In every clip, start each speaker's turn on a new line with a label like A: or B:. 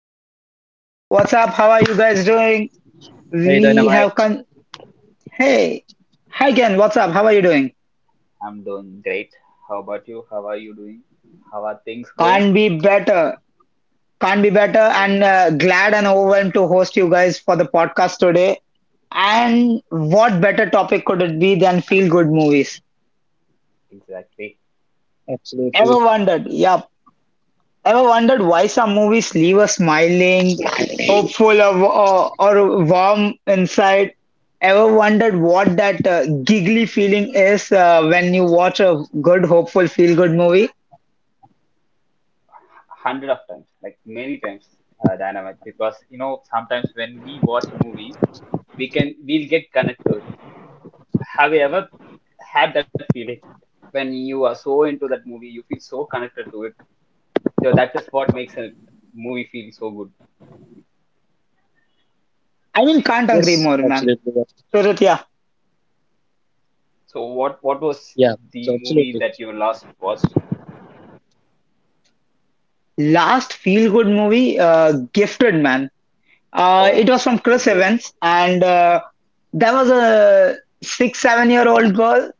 A: Hi, Ken. What's up? How are you guys doing?
B: Hey,
A: We have
B: Dynamite.
A: con. Hey. Hi, Ken. What's up? How are you doing?
C: I'm doing great. How about you? How are you doing? How are things going?
A: Can't be better. Can't be better.
C: Oh,
A: And Glad and overwhelmed to host you guys for the podcast today. And what better topic could it be than feel good movies?
C: exactly. It's
B: Absolutely.
A: Ever wondered? Yup. Ever wondered why some movies leave us smiling, hopeful, or warm inside? Ever wondered what that giggly feeling is when you watch a good, hopeful, feel good movie?
C: Hundred of times, like many times, dynamic. Because you know, sometimes when we watch a movie, we'll get connected to it. Have you ever had that feeling when you are so into that movie, you feel so connected to it? Though that is what makes a movie feel so good.
B: Yes,
A: I mean,
B: absolutely.
A: can't
B: But
A: agree more, man. So, that, yeah,
C: So,
B: yeah,
C: what what
B: absolutely.
C: was the movie that you last watched?
A: last feel good movie, Gifted Man. It
C: Oh,
A: was from
C: so
A: Chris
C: good.
A: Evans, and there was a six, seven year old girl.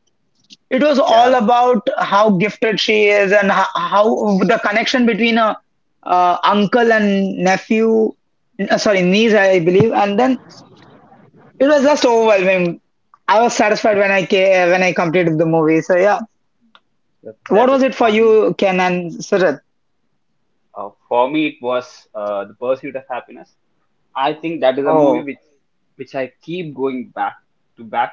A: It was all
C: Yeah,
A: about how gifted she is and how the connection between a uncle and nephew, sorry, niece, I believe. And then it was just overwhelming. I was satisfied when when I completed the movie. So yeah,
C: that
A: what
C: that
A: was
C: is
A: it for
C: one.
A: you, Ken and Sirath?
C: For me, it was The Pursuit of Happiness. I think that is a movie
A: Oh,
C: which I keep going back to back.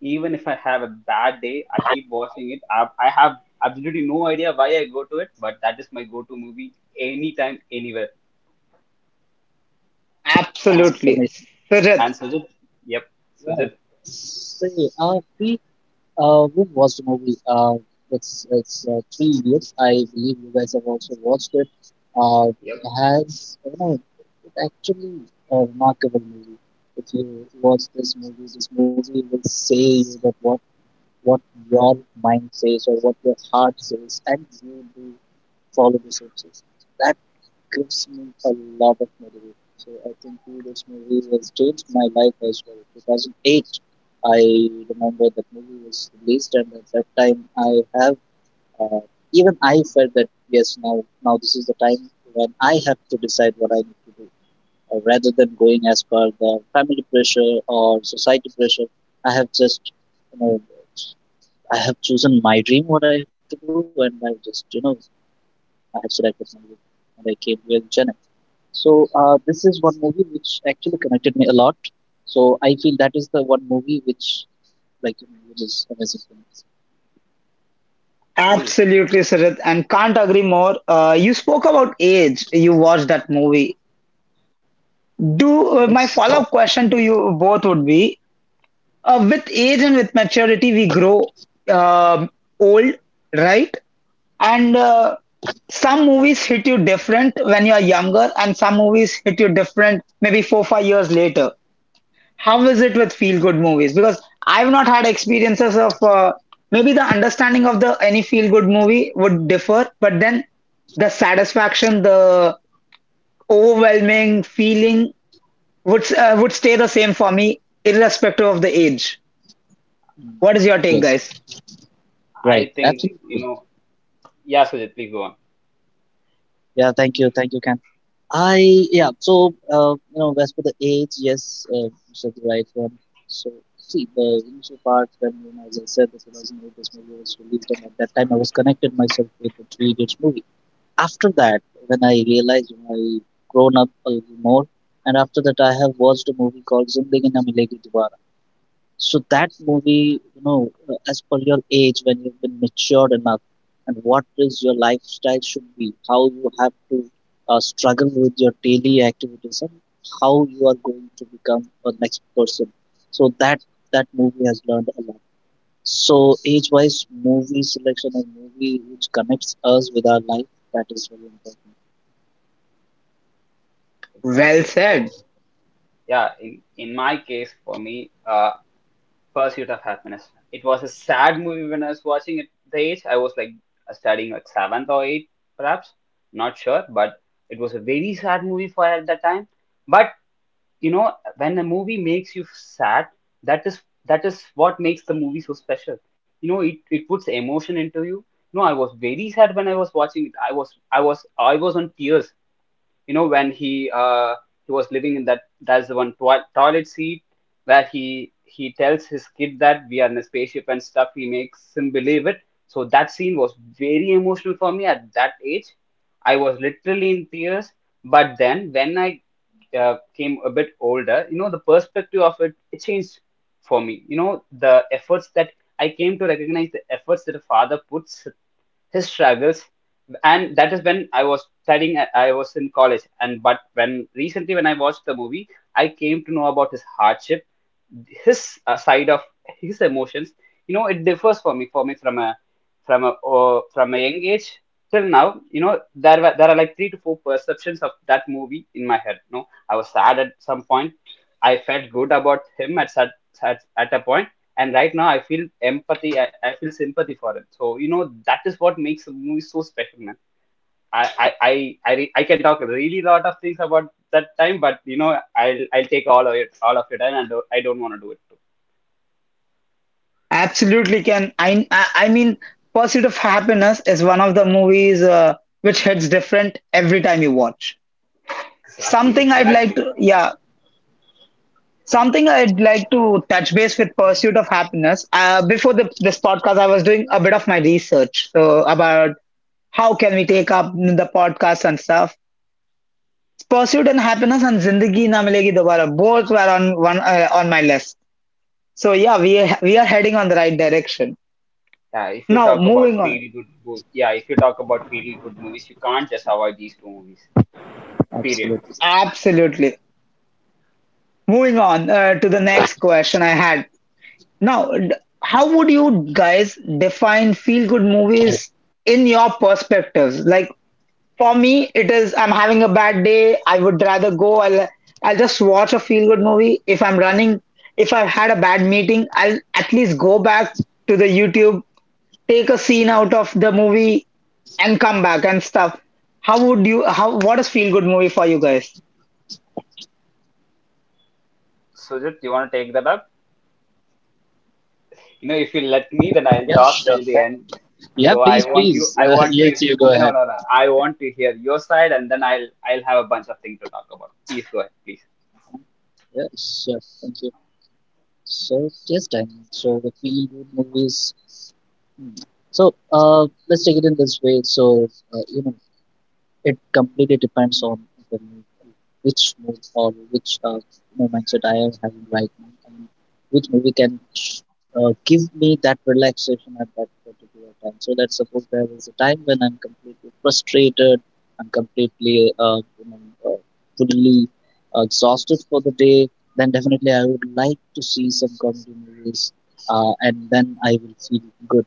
C: Even if I have a bad day, I keep watching it. I have absolutely no idea why I go to it, but that is my go-to movie anytime, anywhere. And
B: That's
A: absolutely,
B: amazing.
A: Sirath.
C: and yep,
B: Yeah.
C: Sujit,
B: See, we watched the movie. It's Three Idiots. I believe you guys have also watched it.
C: yep,
B: It has you know, it actually a remarkable movie. If you watch this movie will say you that what your mind says or what your heart says, and you do follow the same. Gives me a lot of motivation. So I think too, this movie has changed my life as well. 2008, I remember that movie was released, and at that time, I have uh, even I felt that yes, now this is the time when I have to decide what I need to do, rather than going as per the family pressure or society pressure. I have just you know I have chosen my dream what I have to do, and I've just you know I have selected my dream, and I came here in Chennai. So this is one movie actually connected me a lot. So I feel that is the one movie which like you know, which is amazing for me.
C: cool.
A: Absolutely, Sirath, and can't agree more. You spoke about age. You watched that movie. Do my
B: Yes.
A: follow-up question to you both would be: with age and with maturity, we grow um old, right? And some movies hit you different when you are younger, and some movies hit you different maybe four, five years later. How is it with feel good movies? Because I've not had experiences of maybe the understanding of the any feel good movie would differ, but then the satisfaction, the overwhelming feeling would stay the same for me, irrespective of the age.
B: Mm.
A: What is your take,
B: Yes.
A: guys?
B: Right.
C: I think you
B: Absolutely.
C: know, yeah, Sujit, please go on.
B: Yeah. Thank you. Thank you, Ken. I yeah. So you know, as per the age, yes, you said the right one. So see the initial part when you know, as I said, the 2008 this movie was released, and at that time I was connected myself with the Three Idiots movie. After that, when I realized you know, I grown up a little more, and after that, I have watched a movie called Zindagi Na Milegi Dobara. So that movie, you know, as per your age, when you've been matured enough, and what is your lifestyle should be, how you have to struggle with your daily activities, and how you are going to become a next person. So that movie has learned a lot. So age-wise, movie selection or movie which connects us with our life that is very important.
A: Well
C: Exactly.
A: said.
C: So yeah, in my case, for me, Pursuit of Happiness. It was a sad movie when I was watching it. The age I was like studying like seventh or eighth, perhaps, not sure, but it was a very sad movie for at that time. But you know, when a movie makes you sad, that is what makes the movie so special. You know, it puts emotion into you. No, I was very sad when I was watching it. I was on tears, you know, when he he was living in that's the one toilet seat where he tells his kid that we are in a spaceship and stuff. He makes him believe it. So that scene was very emotional for me at that age. I was literally in tears. But then when I came a bit older, you know, the perspective of it changed for me. You know, the efforts that I came to recognize, the efforts that a father puts, his struggles, and that is when I was studying. I was in college. And but when recently when I watched the movie, I came to know about his hardship, his side of his emotions. You know, it differs for me from a from a young age till now. You know, there are like three to four perceptions of that movie in my head. You know, I was sad at some point. I felt good about him at, at a point, and right now I feel empathy. I feel sympathy for it. So, you know, that is what makes the movie so special, man. I can talk really lot of things about that time, but you know I'll take all of it, all of your time, I don't want to do it too.
A: Absolutely can. I mean, Pursuit of Happiness is one of the movies which hits different every time you watch.
C: Exactly,
A: Something I'd like
C: exactly.
A: to, yeah, something I'd like to touch base with Pursuit of Happiness. Before this podcast, I was doing a bit of my research so about how can we take up the podcast and stuff. Pursuit and Happiness and Zindagi Na Milegi Dobara both were on one on my list. So yeah, we are heading on the right direction.
C: Yeah, if you
A: Now,
C: talk
A: moving
C: about
A: on.
C: yeah, if you talk about feel good movies, you can't just avoid these two movies. Period.
B: Absolutely.
A: Absolutely. Moving on to the next question I had. Now, d- how would you guys define feel good movies in your perspectives? Like for me, it is I'm having a bad day. I would rather go. I'll just watch a feel good movie. If I'm running, if I've had a bad meeting, I'll at least go back to the YouTube, take a scene out of the movie, and come back and stuff. How would you? How what is feel good movie for you guys?
C: Sujit, you want to take that up? You know, if you let me, then I'll
B: Yes,
C: talk
B: sure.
C: till the end.
B: Yeah,
C: So I
B: please,
C: want you.
B: please.
C: I want to.
B: Yes, you go
C: No,
B: ahead.
C: no, no. I want to hear your side, and then I'll have a bunch of things to talk about. Please go ahead, please.
B: Yeah, sure. Thank you. So, yes, Diamond. So, the feel good movies. Hmm. So, let's take it in this way. So, you know, it completely depends on the mood, which mood or which you know, mindset I am having right now, and which movie can give me that relaxation at that particular time. So let's suppose there is a time when I'm completely frustrated, I'm uh, fully exhausted for the day. Then definitely I would like to see some comedy movies, and then I will feel good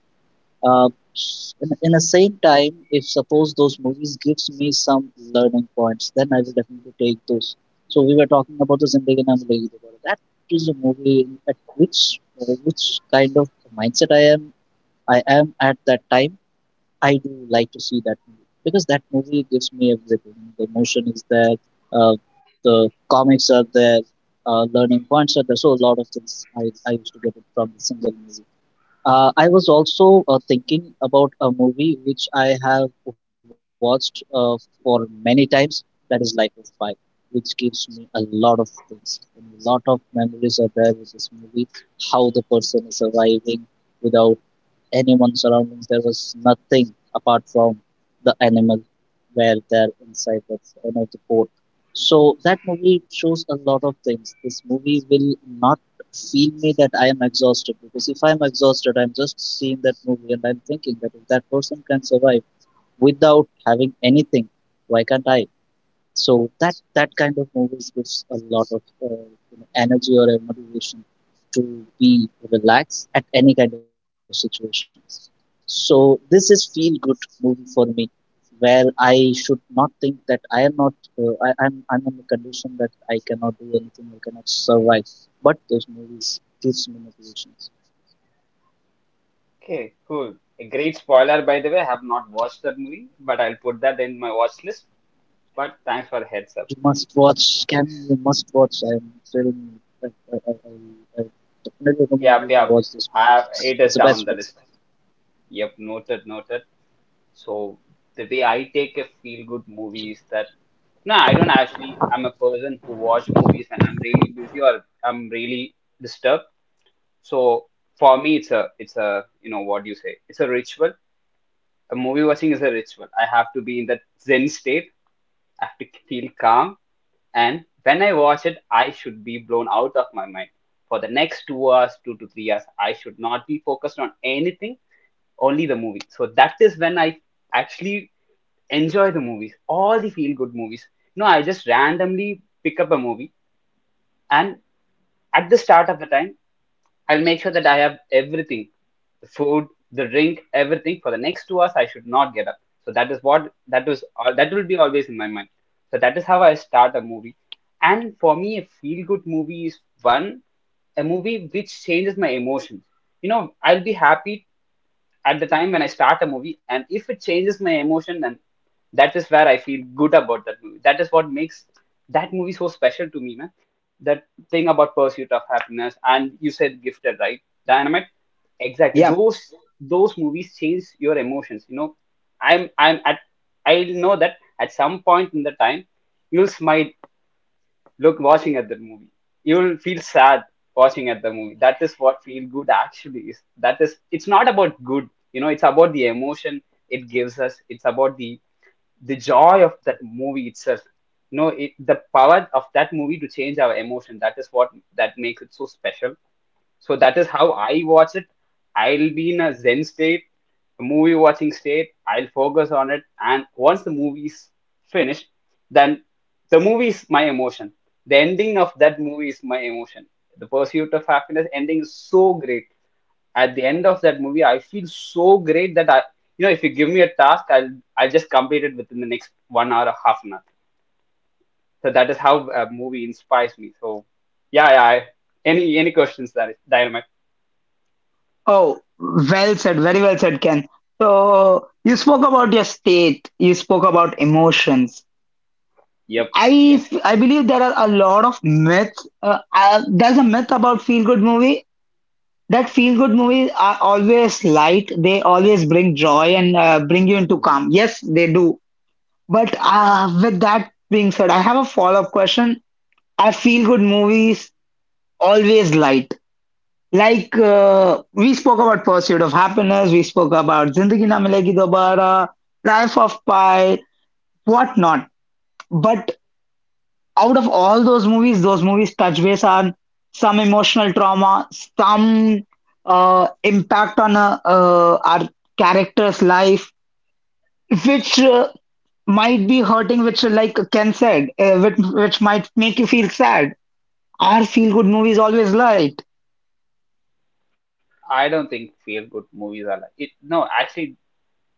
B: uh, in the same time, if suppose those movies gives me some learning points, then I will definitely take those. So we were talking about the Zindagi Na Milegi Dobara. That is a movie in- at which kind of mindset I am at that time. I do like to see that movie because that movie gives me everything. The emotion is there. Uh, the comics are there. Learning points are there. So a lot of things I get it from the single movie. I was also thinking about a movie which I have watched for many times. That is Life of Pi, which gives me a lot of things. And a lot of memories are there with this movie. How the person is surviving without anyone surroundings. There was nothing apart from the animal where they're inside the you know, the boat. So that movie shows a lot of things. This movie will not feel me that I am exhausted because if I'm exhausted, I'm just seeing that movie and I'm thinking that if that person can survive without having anything, why can't I? So that kind of movies gives a lot of you know, energy or a motivation to be relaxed at any kind of situations. So this is feel good movie for me, where I should not think that I am not, I'm I'm in the condition that I cannot do anything, I cannot survive. But those movies gives me motivations.
C: Okay, cool. A great spoiler, by the way. I have not watched that movie, but I'll put that in my watch list. But thanks for heads up.
B: You must watch, Can you must watch. I'm telling you, I, I definitely recommend
C: Yep,
B: you to
C: yep.
B: watch this movie.
C: I, it is
B: It's the
C: down
B: best
C: the
B: one.
C: list. Yep, noted, noted. So the way I take a feel good movie is that no, I don't actually. I'm a person who watch movies and I'm really busy or I'm really disturbed. So for me, it's a you know, what do you say? It's a ritual. A movie watching is a ritual. I have to be in that Zen state. I have to feel calm. And when I watch it, I should be blown out of my mind. For the next 2 hours, 2 to 3 hours, I should not be focused on anything, only the movie. So that is when I actually enjoy the movies, all the feel good movies. No, I just randomly pick up a movie, and at the start of the time, I'll make sure that I have everything, the food, the drink, everything for the next 2 hours. I should not get up. So that is what that will be always in my mind. So that is how I start a movie. And for me, a feel good movie is one a movie which changes my emotions. You know, I'll be happy at the time when I start a movie, and if it changes my emotion, then that is where I feel good about that movie. That is what makes that movie so special to me, man. That thing about pursuit of happiness, and you said gifted, right? Dynamite, exactly.
A: Yeah,
C: Those movies change your emotions. You know, I'm at I know that at some point in the time you'll smile look watching at that movie. You will feel sad watching at the movie. That is what feel good actually is. That is, it's not about good, you know, it's about the emotion it gives us. It's about the joy of that movie itself. You know, the power of that movie to change our emotion. That is what that makes it so special. So that is how I watch it. I'll be in a zen state, a movie watching state. I'll focus on it, and once the movie's finished, then the movie is my emotion. The ending of that movie is my emotion. The pursuit of happiness ending is so great. At the end of that movie, I feel so great that you know, if you give me a task, I'll just complete it within the next 1 hour or half an hour. So that is how a movie inspires me. So, yeah, yeah. Any questions that is, Dynamite?
A: oh, well said, very well said, Ken. So you spoke about your state, you spoke about emotions.
C: Yep. Yes.
A: I believe there are a lot of myths. There's a myth about feel good movie that feel good movies are always light. They always bring joy and bring you into calm. Yes, they do. But with that being said, I have a follow-up question. Are feel good movies always light? Like we spoke about pursuit of happiness, we spoke about Zindagi Na Milegi Dobara, Life of Pi, whatnot. But out of all those movies touch base on some emotional trauma, some impact on our character's life, which might be hurting, which like Ken said, which might make you feel sad. Our feel good movies always light.
C: I don't think feel good movies are like it. No, actually,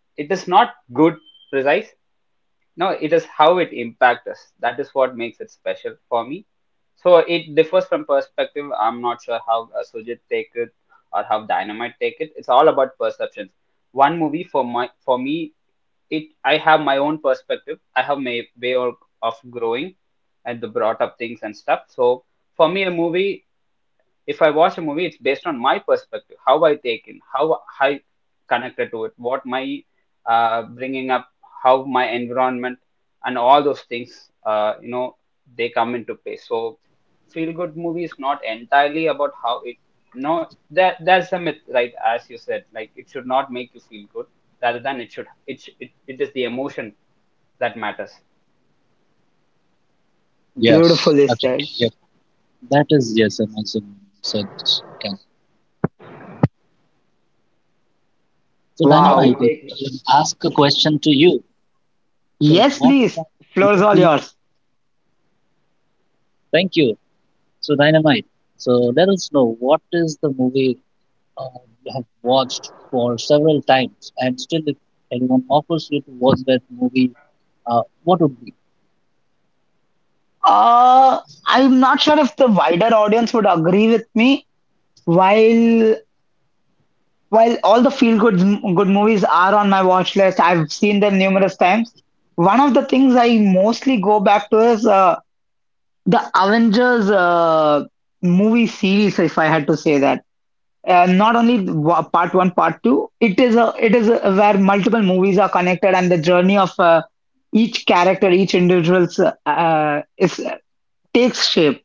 C: it is not good precise. No, it is how it impacts us. That is what makes it special for me. So it differs from perspective. I'm not sure how Sujit take it or how Dynamite take it. It's all about perceptions. One movie for my for me, it I have my own perspective. I have my way of growing and the brought up things and stuff. So for me, a movie if I watch a movie, it's based on my perspective, how I take in, how I connected to it, what my bringing up, how my environment, and all those things, you know, they come into play. So, feel good movie is not entirely about how it, no, that that's a myth, right? As you said, like it should not make you feel good, rather than it should. It is the emotion that matters.
B: Yes,
A: Beautifully
B: absolutely.
A: said.
B: Yes. That is, yes, an awesome said this. Okay. So,
C: So, how do
B: Dynamite,
A: Wow.
C: you
B: if
C: take?
B: we can ask a question to you. So,
A: Yes,
B: what kind
A: please. Floor is
B: of
A: all
B: movie?
A: yours.
B: Thank you. So, Dynamite, so let us know what is the movie uh, you have watched for several times and still, if anyone offers you to watch that movie, what would be?
A: Uh, I'm not sure if the wider audience would agree with me. While while all the feel good good movies are on my watch list, I've seen them numerous times. One of the things I mostly go back to is the Avengers movie series, if I had to say that. Not only part one, part two. It is a, where multiple movies are connected and the journey of each character, each individual's is takes shape.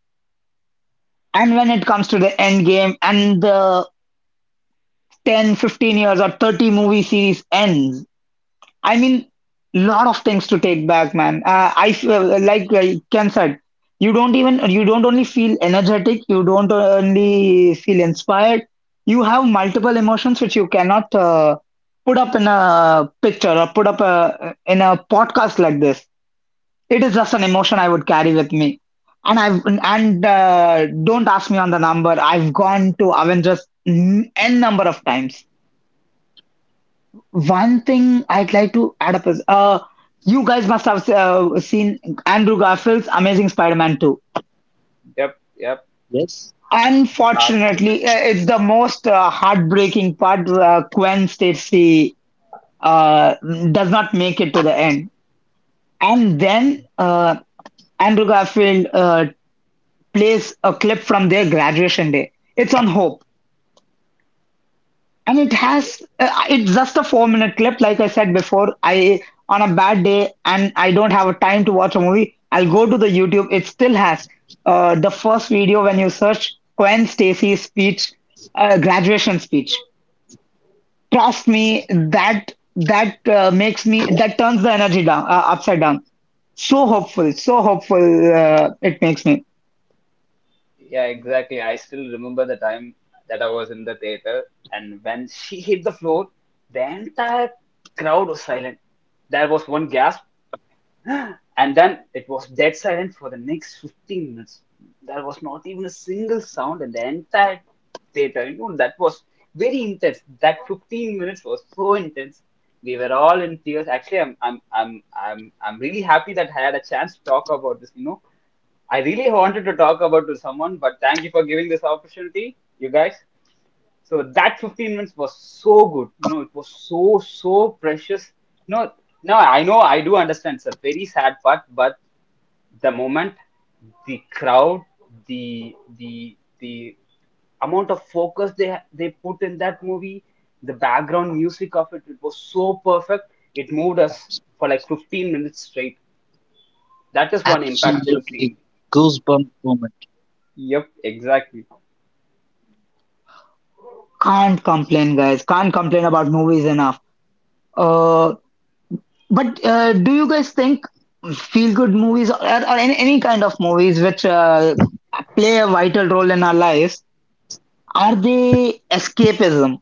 A: And when it comes to the end game and the 10, 15 years or 30 movie series ends, I mean, lot of things to take back, man. I feel like Ken said, you don't even, you don't only feel energetic, you don't only feel inspired, you have multiple emotions which you cannot put up in a picture or put up a, in a podcast like this. It is just an emotion I would carry with me. And I've and don't ask me on the number. I've gone to Avengers n n number of times. One thing I'd like to add up is you guys must have seen Andrew Garfield's Amazing Spider-Man 2.
C: Yep, yep.
B: Yes,
C: It's hard.
A: Unfortunately, it's the most heartbreaking part. Gwen Stacy uh, does not make it to the end, and then Andrew Garfield plays a clip from their graduation day. It's on Hope, and it has it's just a 4 minute clip. Like I said before, I on a bad day and I don't have a time to watch a movie, I'll go to the YouTube. It still has the first video when you search Gwen Stacy's speech, graduation speech. Trust me, that makes me that turns the energy down upside down. So hopeful it makes me.
C: Yeah, exactly. I still remember the time that I was in the theater, and when she hit the floor, the entire crowd was silent. There was one gasp, and then it was dead silent for the next 15 minutes. There was not even a single sound in the entire theater. You know, that was very intense. That 15 minutes was so intense. We were all in tears. Actually, I'm really happy that I had a chance to talk about this, you know, I really wanted to talk about to someone, but thank you for giving this opportunity, you guys. So that 15 minutes was so good. You know, it was so precious. No, no, I know I do understand it's a very sad part, but the moment the crowd, the amount of focus they put in that movie, the background music of it, it was so perfect. It moved us for like 15 minutes straight. That is one impactful
B: absolutely
C: scene.
B: goosebump moment.
C: Yep, exactly.
A: Can't complain, guys. Can't complain about movies enough. Uh, but do you guys think feel good movies or any kind of movies which play a vital role in our lives are they escapism,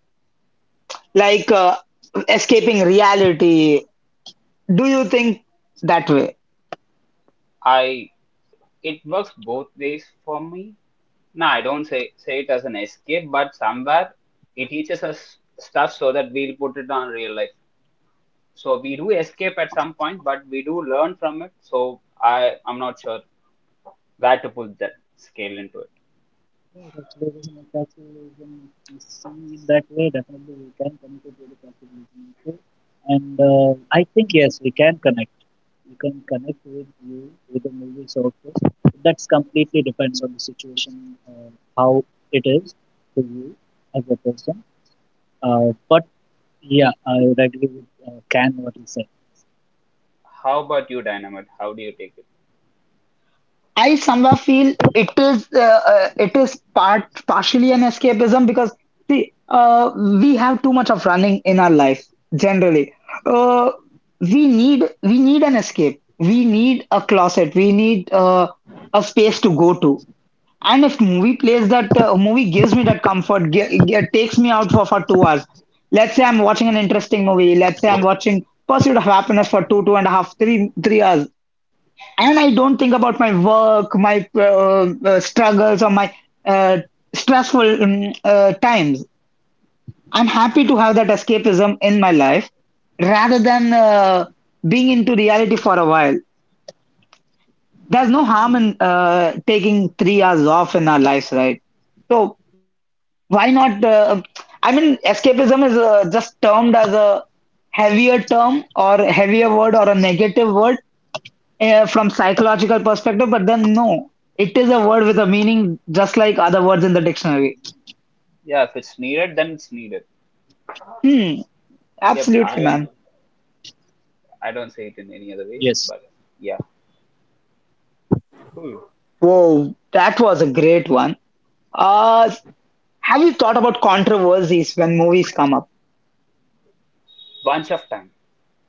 A: like escaping reality? Do you think that way?
C: I it works both ways for me. No, I don't say it as an escape, but somewhere it teaches us stuff so that we'll put it on real life. So we do escape at some point, but we do learn from it. So I'm not sure where to put that scale into it.
B: Yeah, capitalism and capitalism, if we see in that way, definitely we can connect it with the capitalism. Okay? And I think, yes, we can connect. We can connect with you, with the movies also. That's completely depends on the situation, uh, how it is for you as a person. But yeah, I would agree with Can what he said.
C: How about you, Dynamite? How do you take it?
A: I somewhere feel it is part partially an escapism because see we have too much of running in our life generally. Uh, we need an escape. We need a closet. We need a space to go to. And if movie plays that movie gives me that comfort, takes me out for 2 hours. Let's say I'm watching an interesting movie. Let's say I'm watching Pursuit of Happiness for two and a half 3 3 hours and I don't think about my work, my struggles, or my uh, stressful times. I'm happy to have that escapism in my life rather than being into reality for a while. There's no harm
C: Hmm.
A: in taking 3 hours off in our lives, right? So why not? I mean, escapism is just termed as a heavier term or heavier word or a negative word from psychological perspective, but then no, it is a word with a meaning just like other words in the dictionary.
C: Yeah, if it's needed, then it's needed.
A: Hmm,
C: Yep,
A: absolutely, man.
C: I don't say
B: Yes.
C: it in any other ways, but yeah, cool.
A: Whoa, that was a great one. Uh, have you thought about controversies when movies come up?
C: Bunch of time,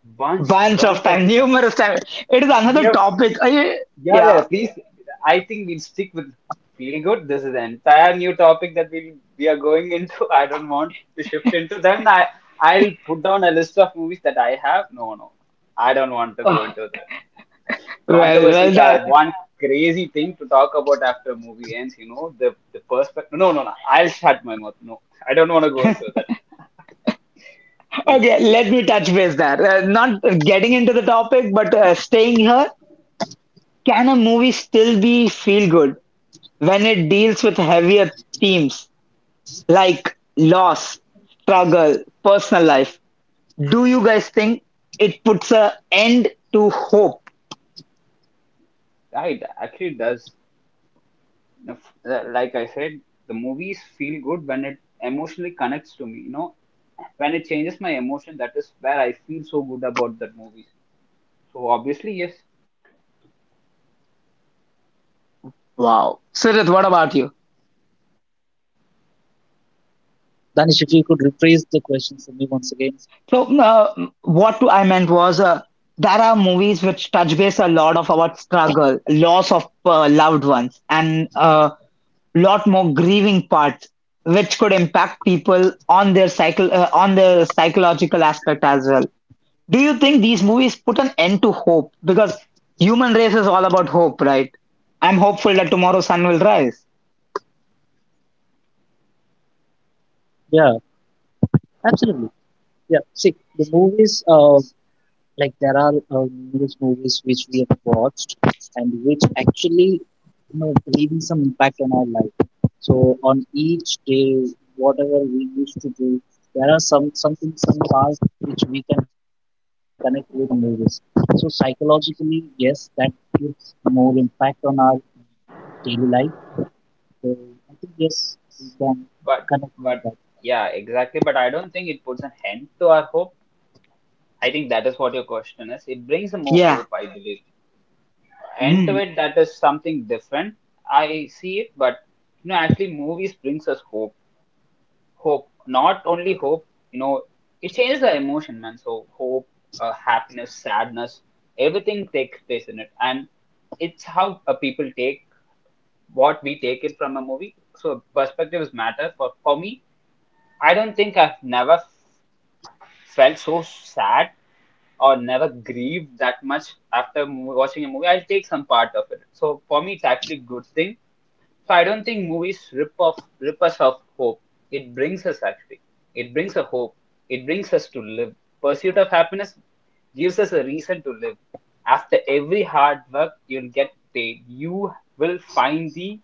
A: Bunch
C: bunch
A: of
C: of
A: time,
C: time.
A: numerous time. It is another
C: Yep.
A: topic.
C: Yeah, yeah, yeah,
A: Yeah.
C: please. I think we'll stick with feel good. This is an entire new topic that we are going into. I don't want to shift into. Then I'll put down a list of movies that I have. No, no, no. I don't want to go
A: Ugh.
C: into that.
A: Well, well,
C: Controversies are
A: that
C: one crazy thing to talk about after a movie ends. You know the perspective. No, no, no. I'll shut my mouth. No, I don't want to go into that. Cool.
A: okay. Let me touch base there. Not getting into the topic, but staying here. Can a movie still be feel good when it deals with heavier themes? Like loss, struggle, personal life, do you guys think it puts a end to hope?
C: Yeah, actually does. Like I said, the movies feel good when it emotionally connects to me. You know, when it changes my emotion, that is where I feel so good about that movie, so obviously yes.
A: Wow. Siddharth, what about you?
B: Danish, if you could rephrase the question for me once again.
A: So, what I meant was there are movies which touch base a lot of our struggle, loss of loved ones, and a lot more grieving parts, which could impact people on their cycle, on their psychological aspect as well. Do you think these movies put an end to hope? Because human race is all about hope, right? I'm hopeful that tomorrow sun will rise.
B: Yeah, absolutely. Yeah, see, the movies like there are numerous movies which we have watched and which actually you know leaving some impact on our life, so on each day whatever we used to do, there are some something some part which we can connect with some movies. So psychologically, yes, that gives more impact on our daily life. So I think, yes, we can connect
C: but
B: with that.
C: but yeah, exactly, but I don't think it puts an end to our hope. I think that is what your question is. It brings more
A: Yeah,
C: hope, I believe. End to
A: mm.
C: it, that is something different. I see it, but you know, actually movies brings us hope. Hope, not only hope, you know, it changes the emotion, man. So hope, happiness, sadness, everything takes place in it. And it's how people take what we take it from a movie. So perspectives matter. For me, I don't think I've never felt so sad or never grieved that much after watching a movie. I'll take some part of it. So for me, it's actually a good thing, so I don't think movies rip us off hope. It brings us, actually. It brings a hope. It brings us to live. Pursuit of happiness gives us a reason to live. After every hard work, you'll get paid. You will find the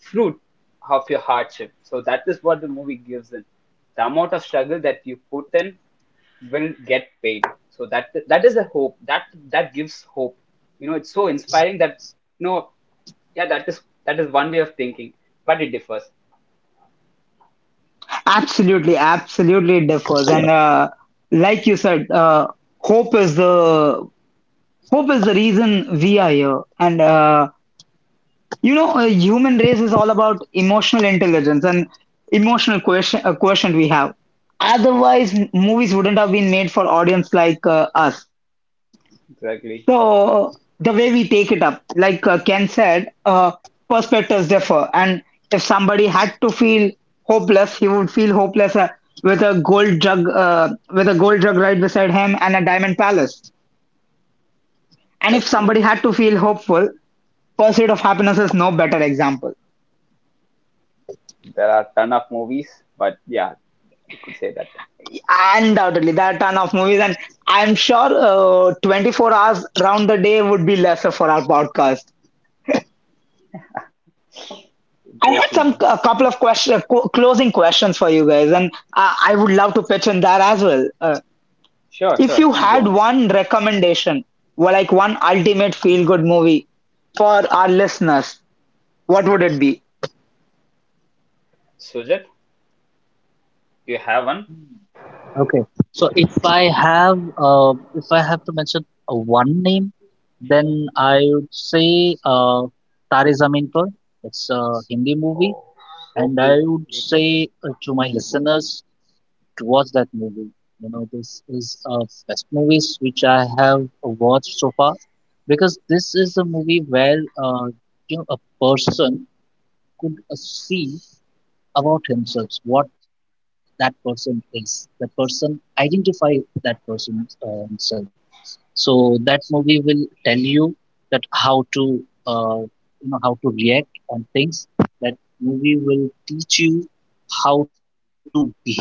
C: fruit of your hardship. So that is what the movie gives in. The amount of struggle that you put in will get paid. So that is a hope. That gives hope. You know, it's so inspiring that, you know, yeah, that is one way of thinking, but it differs.
A: Absolutely, absolutely it differs. And like you said, hope is the hope is the reason we are here. And you know, human race is all about emotional intelligence and emotional question, quotient we have. Otherwise, movies wouldn't have been made for audience like us.
C: Exactly,
A: So the way we take it up, like Ken said, perspectives differ. And if somebody had to feel hopeless, he would feel hopeless with a gold jug, with a gold jug right beside him and a diamond palace. And if
C: exactly.
A: somebody had to feel hopeful, Pursuit of Happiness is no better example.
C: There are ton of movies, but yeah, you could say that. One.
A: Undoubtedly, there are a ton of movies, and I'm sure 24 hours round the day would be lesser for our podcast. I had
C: Exactly.
A: some a couple of question, closing questions for you guys, and I would love to pitch in that as well.
C: Sure,
A: If
C: sure.
A: you
C: Please go
A: had
C: on.
A: one recommendation, well, like one ultimate feel good movie for our listeners, what would it be?
C: Sujit, do you have one?
B: Okay. So if I have to mention one name, then I would say Tare Zameen Par. It's a Hindi movie,
C: Oh, so
B: and I
C: cool.
B: would say to my listeners to watch that movie. You know, this is best movies which I have watched so far, because this is a movie where you know, a person could see about himself, what that person is. The person identify that person himself. So that movie will tell you that how to uh, you know how to react on things. That movie will teach you how to behave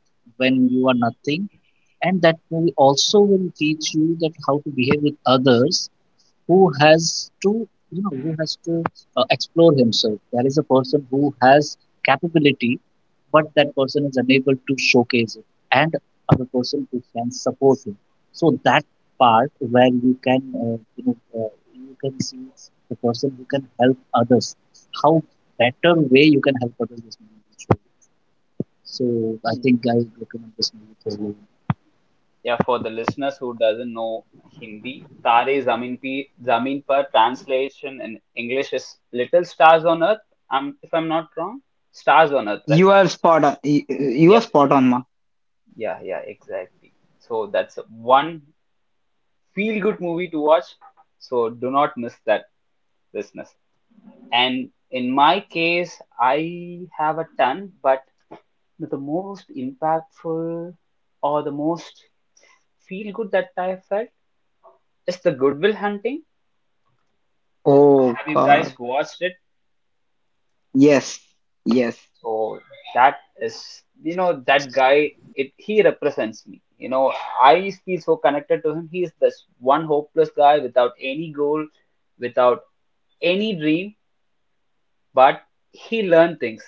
B: when you are nothing, and that movie also will teach you that how to behave with others who has to you know who has to explore himself. There is a person who has capability but that person is unable to showcase it, and other person who can support him, so that part where you can you know you can see the person who can help others, how better way you can help others, this movie will show you. So
C: Hmm.
B: I think I would recommend this movie for you.
C: Yeah, for the listeners who doesn't know Hindi, Tare Zameen Pe Zameen Par translation in English is Little Stars on Earth. If I'm not wrong, Stars on Earth, right?
A: You are spot on. You are
C: Yep.
A: spot on, ma.
B: Yeah.
C: Yeah, yeah, exactly. So that's one feel good movie to watch. So do not miss that business. And in my case, I have a ton, but the most impactful or the most feel good that I have felt is the Goodwill Hunting.
A: Oh
C: Have you guys
A: God,
C: watched it?
A: yes, yes.
C: So that is, you know, that guy. It He represents me. You know, I feel so connected to him. He is this one hopeless guy without any goal, without any dream, but he learned things.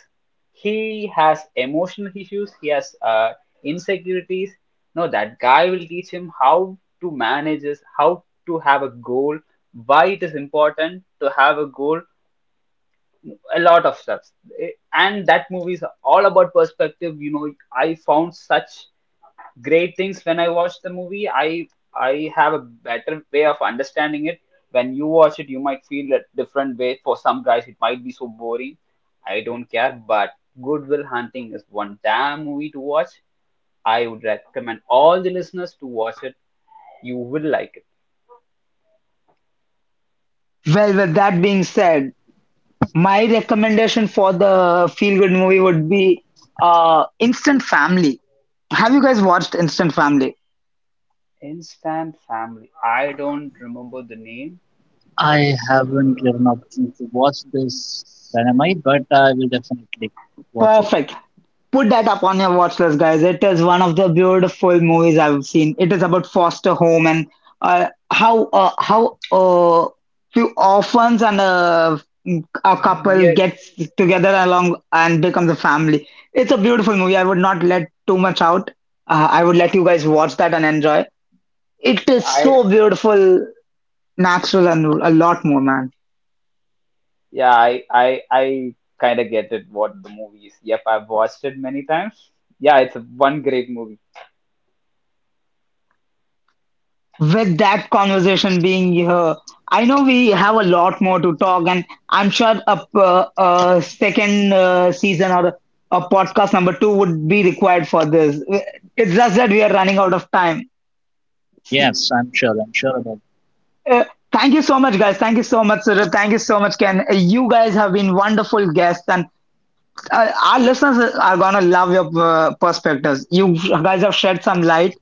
C: He has emotional issues. He has insecurities. No, that guy will teach him how to manage this, how to have a goal, why it is important to have a goal, a lot of stuff. Eh, and that movie is all about perspective, you know. I found such great things when I watched the movie. I have a better way of understanding it. When you watch it, you might feel a different way. For some guys it might be so boring, I don't care, but Good Will Hunting is one damn movie to watch. I would recommend all the listeners to watch it. You will like
A: Well, with that being said, my recommendation for the feel good movie would be Instant Family. Have you guys watched Instant Family?
C: it. Instant Family, I don't remember the name.
B: I haven't given opportunity to watch this Dynamite, but I will definitely watch it.
A: Perfect. Put that up on your watch list, guys. It is one of the beautiful movies I've seen. It is about foster home and how how few orphans and a couple
C: Yes
A: gets together along and becomes a family. It's a beautiful movie. I would not let too much out. I would let you guys watch that and enjoy. It is
C: I
A: so beautiful, natural, and a lot more, man.
C: Yeah, I kind of get it. What the movie is. Yep, I've watched it many times. Yeah, it's one great movie.
A: With that conversation being here, I know we have a lot more to talk, and I'm sure a second season or a podcast number two would be required for this. It's just that we are running out of time.
B: Yes, I'm sure. I'm sure about it.
A: Uh, Thank you so much, guys. Thank you so much, Surya. Thank you so much, Ken. You guys have been wonderful guests, and our listeners are gonna love your perspectives. You guys have shed some light,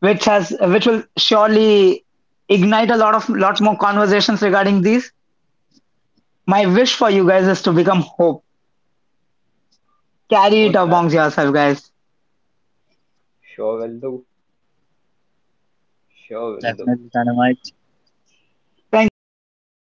A: which will surely ignite a lot of lot more conversations regarding these. My wish for you guys is to become hope. Carry it
C: What that
A: amongst yourself, guys.
C: sure will do.
B: Definitely Dynamite.
C: Sure will do.
A: Thank you, guys.